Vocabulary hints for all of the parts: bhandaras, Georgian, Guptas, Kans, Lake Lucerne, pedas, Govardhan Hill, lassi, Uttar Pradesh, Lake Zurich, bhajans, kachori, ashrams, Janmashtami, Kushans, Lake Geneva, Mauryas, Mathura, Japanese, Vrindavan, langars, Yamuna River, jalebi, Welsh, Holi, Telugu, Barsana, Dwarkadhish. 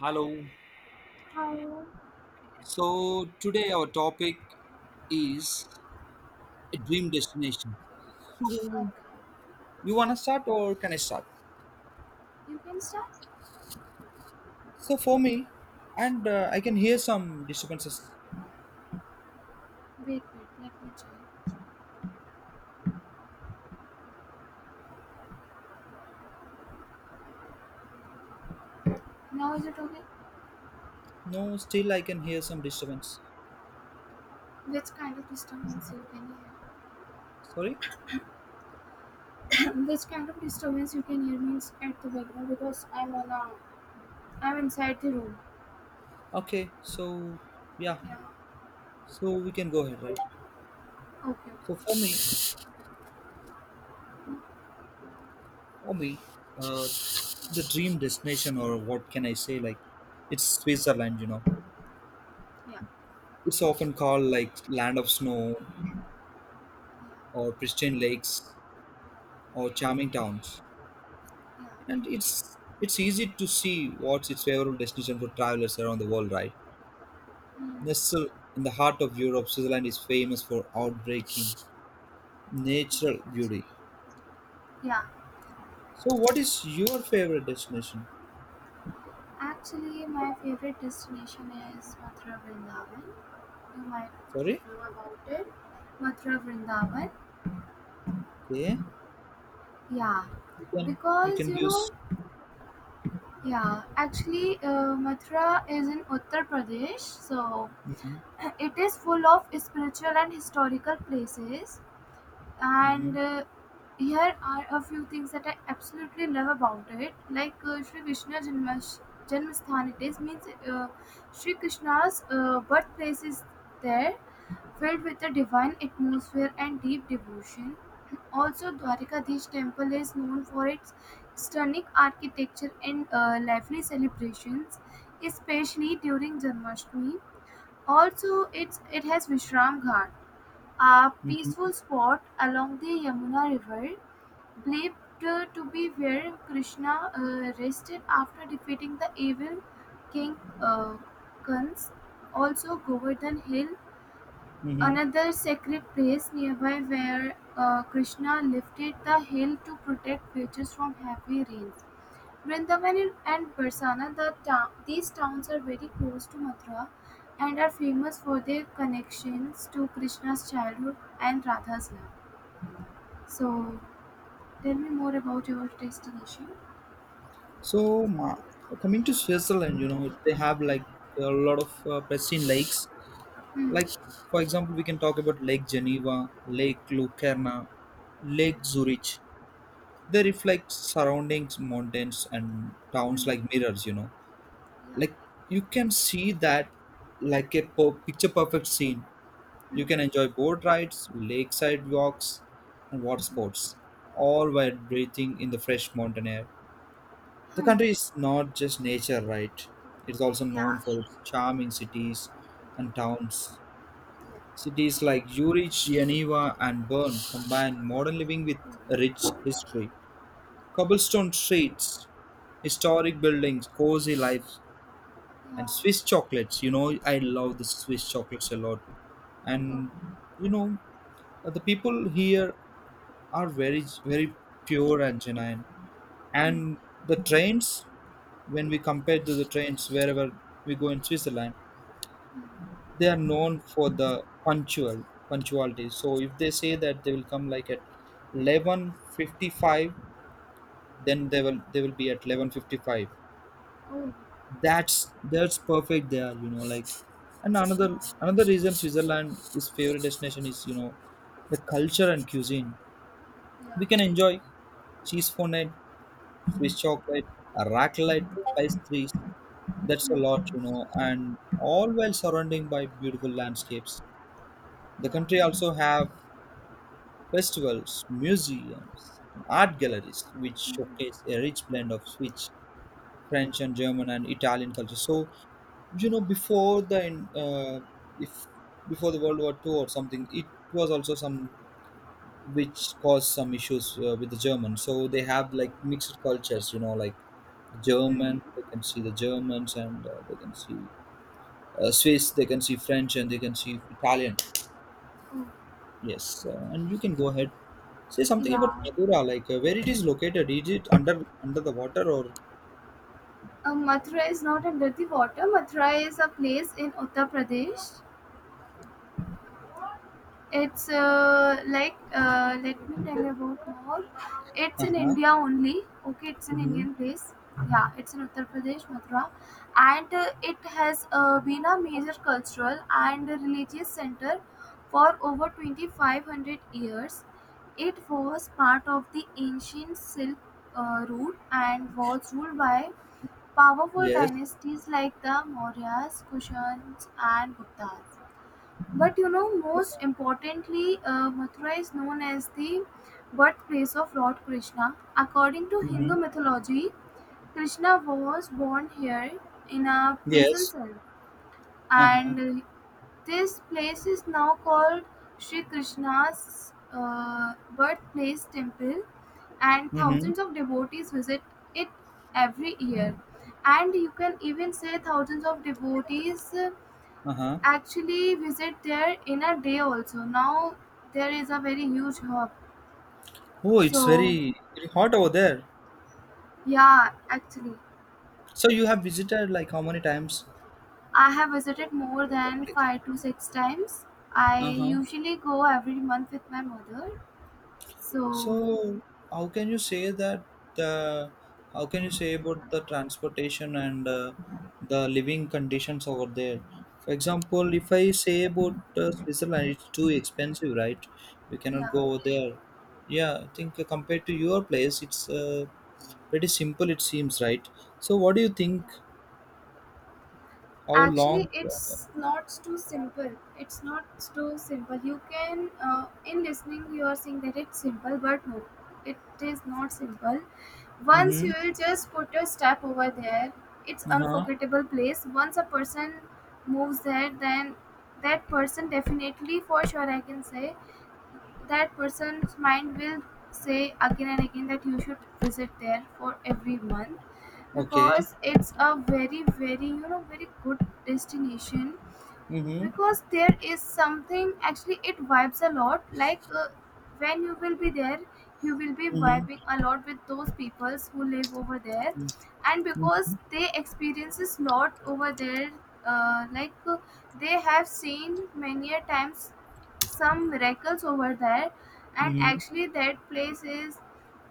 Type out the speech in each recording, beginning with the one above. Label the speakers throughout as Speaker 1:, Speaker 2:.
Speaker 1: Hello.
Speaker 2: Oh,
Speaker 1: So today our topic is a dream destination. So
Speaker 2: okay.
Speaker 1: you wanna start or can I start?
Speaker 2: You can start?
Speaker 1: So for me, and I can hear some disturbances.
Speaker 2: Wait, wait, let me check. Now is it okay?
Speaker 1: No, still I can hear some disturbance.
Speaker 2: Which kind of disturbance you can
Speaker 1: Sorry.
Speaker 2: hear? Which kind of disturbance you can hear means at the background because I'm inside the room.
Speaker 1: Okay. So yeah.
Speaker 2: Yeah.
Speaker 1: So we can go ahead, right?
Speaker 2: Okay.
Speaker 1: So for me, uh, the dream destination or what can I say? Like it's Switzerland. You know,
Speaker 2: Yeah.
Speaker 1: it's often called like land of snow or pristine lakes or charming towns.
Speaker 2: Yeah.
Speaker 1: And it's easy to see what's its favorable destination for travelers around the world, right?
Speaker 2: Mm,
Speaker 1: Nestled in the heart of Europe, Switzerland is famous for outbreaking
Speaker 2: yeah.
Speaker 1: natural
Speaker 2: Actually,
Speaker 1: beauty.
Speaker 2: yeah.
Speaker 1: So, what is your favorite destination?
Speaker 2: Actually, my favorite destination is Mathura Vrindavan. You might
Speaker 1: Sorry,
Speaker 2: know about it. Mathura Vrindavan.
Speaker 1: okay,
Speaker 2: Yeah.
Speaker 1: you can you
Speaker 2: Because
Speaker 1: can
Speaker 2: you
Speaker 1: give.
Speaker 2: know. Yeah, actually, Mathura is in Uttar Pradesh, so
Speaker 1: Mm-hmm,
Speaker 2: it is full of spiritual and historical places.
Speaker 1: mm-hmm,
Speaker 2: And here are a few things that I absolutely love about it, like Sri Krishna Janmasthan. It is means, Sri Krishna's birthplace is there, filled with a divine atmosphere and deep devotion. Also, Dwarkadhish temple is known for its stunning architecture and lively celebrations, especially during Janmashtami. Also, it has Vishram Ghat, a
Speaker 1: mm-hmm,
Speaker 2: peaceful spot along the Yamuna River, believed to be where Krishna rested after defeating the evil king, Kans. Also, Govardhan Hill.
Speaker 1: mm-hmm.
Speaker 2: Another sacred place nearby where Krishna lifted the hill to protect villages from heavy rains. Vrindavan and Barsana, these towns are very close to Mathura and are famous for their connections to Krishna's childhood and Radha's love. So, tell me more about your destination.
Speaker 1: So, ma- Coming to Switzerland, you know they have like a lot of pristine lakes. Like,
Speaker 2: Hmm.
Speaker 1: for example, we can talk about Lake Geneva, Lake Lucerne, Lake Zurich. They reflect surroundings, mountains, and towns
Speaker 2: Hmm.
Speaker 1: like mirrors, you know.
Speaker 2: Yeah.
Speaker 1: Like, you can see that like picture perfect scene.
Speaker 2: Hmm.
Speaker 1: You can enjoy boat rides, lakeside walks, and water sports, all while breathing in the fresh mountain air. The country is not just nature, right? It's also
Speaker 2: Yeah.
Speaker 1: known for its charming cities and towns. Cities like Zurich, Geneva, and Bern combine modern living with a rich history. Cobblestone streets, historic buildings, cozy lives, and Swiss chocolates. You know, I love the Swiss chocolates a lot. And, you know, the people here are very, very pure and genuine.
Speaker 2: Hmm.
Speaker 1: And the trains, when we compare to the trains wherever we go in Switzerland, they are known for the punctuality, so if they say that they will come like at 11:55, then they will be at 11:55.
Speaker 2: Oh.
Speaker 1: That's perfect there, you know. Like, and another
Speaker 2: uh,
Speaker 1: reason Switzerland is favorite destination is, you know, the culture and cuisine. We can
Speaker 2: Yeah.
Speaker 1: enjoy cheese fondant, Swiss chocolate, raclette, pastries. That's a lot,
Speaker 2: Hmm.
Speaker 1: you know, and all while surrounding by beautiful landscapes. The country
Speaker 2: Yeah.
Speaker 1: also have festivals, museums, and art galleries, which showcase a rich blend of Swiss, French, and
Speaker 2: Yeah.
Speaker 1: German and Italian culture. So, you know, before the uh, if before the World War Two or something, it was also some which caused some issues with the Germans. So they have like mixed cultures, you know, like
Speaker 2: Hmm.
Speaker 1: German, they can see the Germans and they can see Swiss, they can see French, and they can see Italian.
Speaker 2: Oh.
Speaker 1: Yes, and you can go ahead. Say something about
Speaker 2: Yeah.
Speaker 1: Madura, like where it is located. Is it under the water or?
Speaker 2: Mathura is not under the water. Mathura is a place in Uttar Pradesh. It's like, let me tell you about more. It's
Speaker 1: Uh
Speaker 2: in
Speaker 1: huh.
Speaker 2: India only. Okay, it's an
Speaker 1: Mm-hmm.
Speaker 2: Indian place. Yeah, it's in Uttar Pradesh, Mathura, and it has been a major cultural and religious center for over 2,500 years. It was part of the ancient Silk route and was ruled by powerful
Speaker 1: Yes.
Speaker 2: dynasties like the Mauryas, Kushans, and Guptas. But you know, most importantly, Mathura is known as the birthplace of Lord Krishna. According to
Speaker 1: Mm-hmm.
Speaker 2: Hindu mythology, Krishna was born here in a prison
Speaker 1: Yes.
Speaker 2: cell,
Speaker 1: Uh huh.
Speaker 2: and this place is now called Sri Krishna's birthplace temple, and
Speaker 1: Mm-hmm.
Speaker 2: thousands of devotees visit it every year. And you can even say thousands of devotees
Speaker 1: Uh huh.
Speaker 2: actually visit there in a day also. Now there is a very huge hub.
Speaker 1: Oh, it's
Speaker 2: So
Speaker 1: very, very hot over there.
Speaker 2: yeah, actually,
Speaker 1: So you have visited like how many times
Speaker 2: I have visited more
Speaker 1: that
Speaker 2: than
Speaker 1: place?
Speaker 2: five to six times. I
Speaker 1: Uh huh.
Speaker 2: usually go every month with my mother. So
Speaker 1: So how can you say that uh, how can you say about the transportation and the living conditions over there? For example, if I say about Switzerland, it's too expensive, right? We cannot
Speaker 2: yeah.
Speaker 1: go over there. Yeah, I think compared to your place, it's pretty simple. It seems, right? So what do you think? How
Speaker 2: Actually,
Speaker 1: long?
Speaker 2: it's not too simple. It's not too simple. You can, in listening you are saying that it's simple, but no, it is not simple. Once
Speaker 1: Mm-hmm.
Speaker 2: you will just put your step over there, it's
Speaker 1: Uh-huh.
Speaker 2: unforgettable place. Once a person moves there, then that person, definitely for sure I can say, that person's mind will say again and again that you should visit there, for everyone.
Speaker 1: Okay.
Speaker 2: Because it's a very, very, you know, very good destination.
Speaker 1: Mm-hmm.
Speaker 2: Because there is something, actually it vibes a lot, like when you will be there, you will be
Speaker 1: Mm-hmm.
Speaker 2: vibing a lot with those peoples who live over there. And
Speaker 1: Mm-hmm.
Speaker 2: because they experiences lot over there, like they have seen many a times some miracles over there. And
Speaker 1: Mm-hmm.
Speaker 2: actually that place is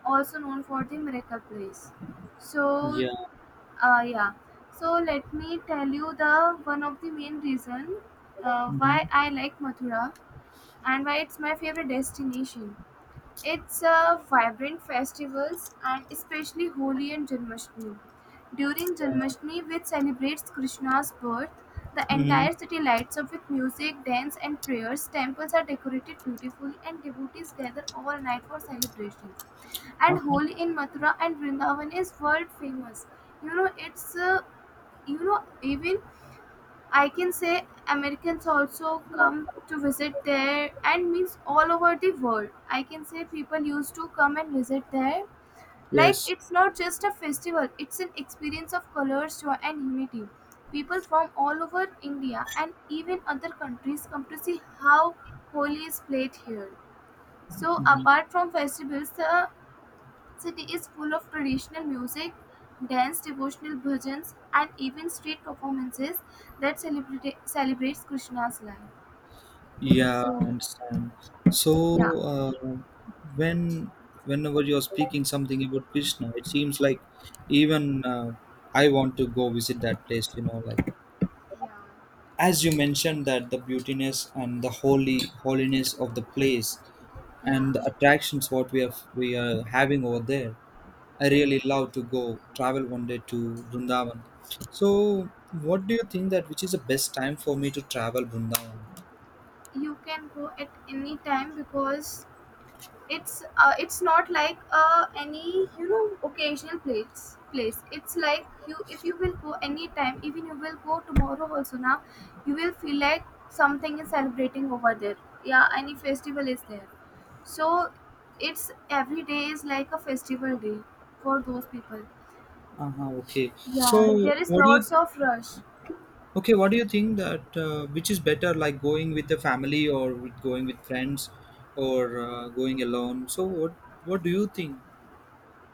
Speaker 2: also known for the miracle place. So
Speaker 1: Yeah.
Speaker 2: yeah. So let me tell you the one of the main reason
Speaker 1: Mm-hmm.
Speaker 2: why I like Mathura and why it's my favorite destination. It's vibrant festivals, and especially Holi and Janmashtami. During Janmashtami, which celebrates Krishna's birth, the
Speaker 1: Mm-hmm.
Speaker 2: entire city lights up with music, dance, and prayers. Temples are decorated beautifully, and devotees gather all night for celebrations. And
Speaker 1: Uh-huh.
Speaker 2: Holi in Mathura and Vrindavan is world famous, you know. It's you know, even I can say Americans also come to visit there, and means all over the world I can say people used to come and visit there. Like,
Speaker 1: Yes.
Speaker 2: it's not just a festival, it's an experience of colors, joy, and unity. People from all over India and even other countries come to see how Holi is played here. So
Speaker 1: Mhm.
Speaker 2: apart from festivals, the city is full of traditional music, dance, devotional bhajans, and even street performances that celebrate celebrates Krishna's life.
Speaker 1: Yeah,
Speaker 2: So
Speaker 1: I understand. So,
Speaker 2: yeah.
Speaker 1: uh, when whenever you're speaking something about Krishna, it seems like even I want to go visit that place. You know, like
Speaker 2: Yeah,
Speaker 1: as you mentioned that the beautiness and the holy holiness of the place and
Speaker 2: yeah,
Speaker 1: the attractions what we are having over there. I
Speaker 2: yeah.
Speaker 1: really love to go travel one day to Vrindavan. So,
Speaker 2: Yeah.
Speaker 1: what do you think that which is the best time for me to travel Vrindavan?
Speaker 2: You can go at any time, because it's, it's not like any, you know, occasional place. It's like, you, if you will go any time, even you will go tomorrow also now, you will feel like something is celebrating over there. Yeah, any festival is there. So it's every day is like a festival day for those people.
Speaker 1: Uh-huh, okay.
Speaker 2: Yeah, there is
Speaker 1: What do you
Speaker 2: lots of rush.
Speaker 1: okay? What do you think that which is better, like going with the family or with going with friends or going alone? So, what do you think?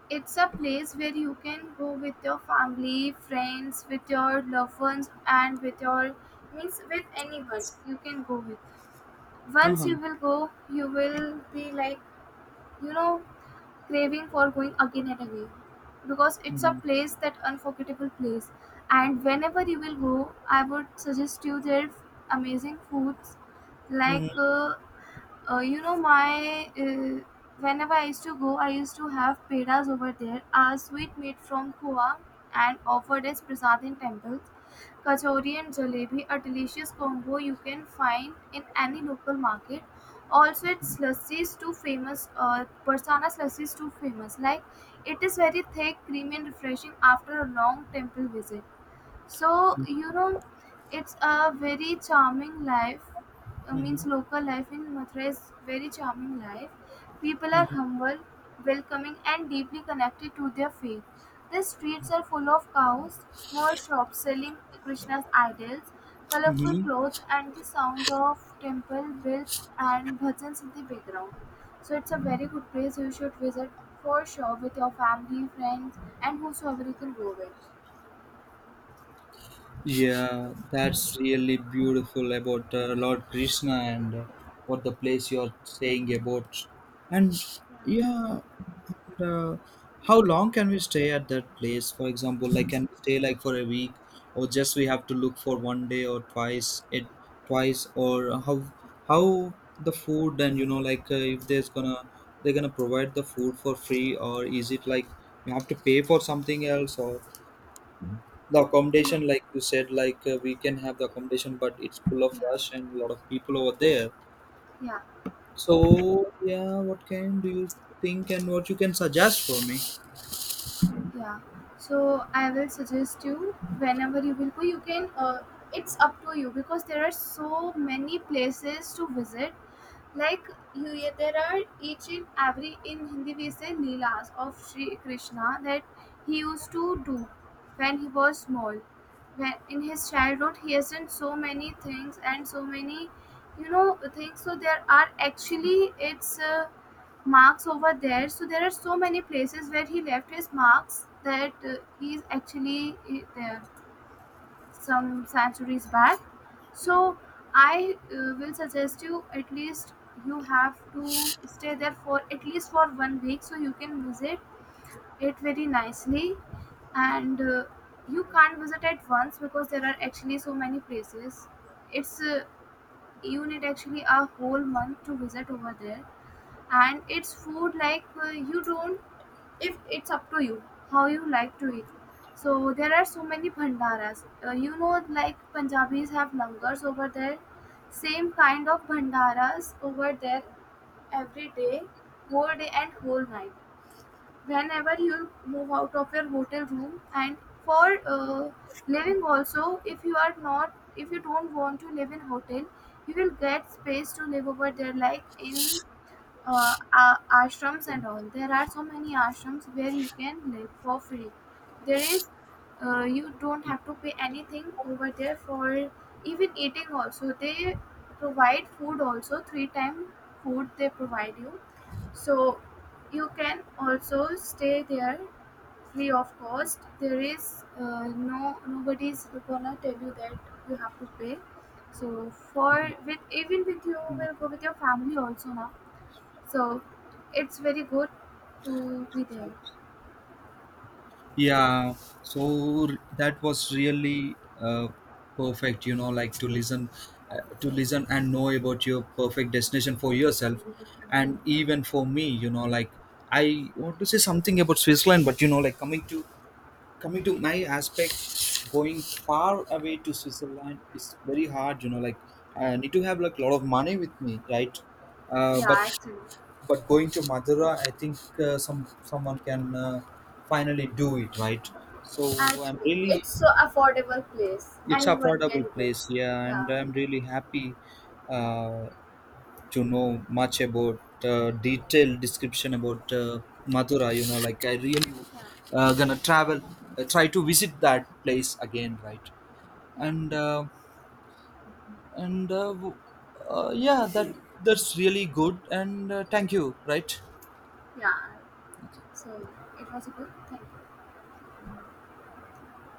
Speaker 2: It's a place where you can go with your family, friends, with your loved ones, and with your means, with anyone you can go with.
Speaker 1: Uh
Speaker 2: Once
Speaker 1: huh.
Speaker 2: you will go, you will be like, you know, craving for going again and again, because it's a
Speaker 1: Mm-hmm.
Speaker 2: place that unforgettable place. And whenever you will go, I would suggest you their amazing foods, like you know, my, whenever I used to go I used to have pedas over there, a sweet meat from Goa, and offered as prasad in temples. Kachori and jalebi, a delicious combo you can find in any local market. Also, its lassi is too famous, Persana's lassi is too famous, like it is very thick, creamy, and refreshing after a long temple visit. So you know, it's a very charming life.
Speaker 1: Mm-hmm.
Speaker 2: Means, local life in Mathura is very charming life. People are humble, welcoming, and deeply connected to their faith. The streets are full of cows, small shops selling Krishna's idols, colorful
Speaker 1: Mm-hmm.
Speaker 2: clothes, and the sounds of temple bells and bhajans in the background. So it's a very good place, you should visit for sure with your family, friends, and whosoever you can go with.
Speaker 1: Yeah, that's really beautiful about Lord Krishna and what the place you're saying about. And yeah, and how long can we stay at that place? For example, like can we stay like for a week, or just we have to look for one day or twice, or how the food and you know like if there's gonna they're gonna provide the food for free, or is it like we have to pay for something else or? The accommodation
Speaker 2: No,
Speaker 1: like you said, like we can have the accommodation but it's full of
Speaker 2: yeah,
Speaker 1: rush and a lot of people over there.
Speaker 2: yeah.
Speaker 1: So yeah, what can do you think and what you can suggest for me?
Speaker 2: Yeah. So I will suggest you whenever you will go, you can. It's up to you because there are so many places to visit. Like, you, yeah, there are each and every, in Hindi we say leelas of Sri Krishna that he used to do when he was small. When in his childhood he has done so many things and so many, you know, things. So there are actually, it's. Marks over there. So there are so many places where he left his marks, that he's actually there some centuries back. So I will suggest you at least you have to stay there for at least for one week so you can visit it very nicely. And you can't visit at once because there are actually so many places. It's, you need actually a whole month to visit over there. And it's food, like you don't, if it's up to you how you like to eat. So there are so many bhandaras, you know, like Punjabis have langars over there, same kind of bhandaras over there, every day, whole day and whole night, whenever you move out of your hotel room. And for living also, if you are not, if you don't want to live in hotel, you will get space to live over there, like in ashrams and
Speaker 1: Can-
Speaker 2: all. There are so many ashrams where you can live for free. There is, you don't have to pay anything over there, for even eating also. They provide food also, three time food they provide you. So you can also stay there free of cost. There is no, nobody's gonna tell you that you have to pay. So for, with even with, you will go with your family also now, so it's very good to be there.
Speaker 1: if- yeah, so that was really perfect, you know, like to listen, to listen and know about your perfect destination for yourself and
Speaker 2: Yeah,
Speaker 1: even for me, you know. Like, I want to say something about Switzerland, but you know, like, coming to my aspect, going far away to Switzerland is very hard, you know. Like, I need to have like a lot of money with me, right? uh,
Speaker 2: yeah,
Speaker 1: but
Speaker 2: actually,
Speaker 1: but going to Madura, I think uh, some someone can finally do it, right? So I'm
Speaker 2: Actually,
Speaker 1: really,
Speaker 2: it's so affordable place.
Speaker 1: it's
Speaker 2: Anyone can
Speaker 1: affordable
Speaker 2: go.
Speaker 1: place, yeah, and
Speaker 2: Yeah,
Speaker 1: I'm really happy uh, to know much about detailed description about Mathura. You know, like I really
Speaker 2: yeah,
Speaker 1: gonna travel, try to visit that place again, right?
Speaker 2: yeah,
Speaker 1: And and uh, w- yeah, that's really good. And thank you, right?
Speaker 2: yeah. So it was a good thing.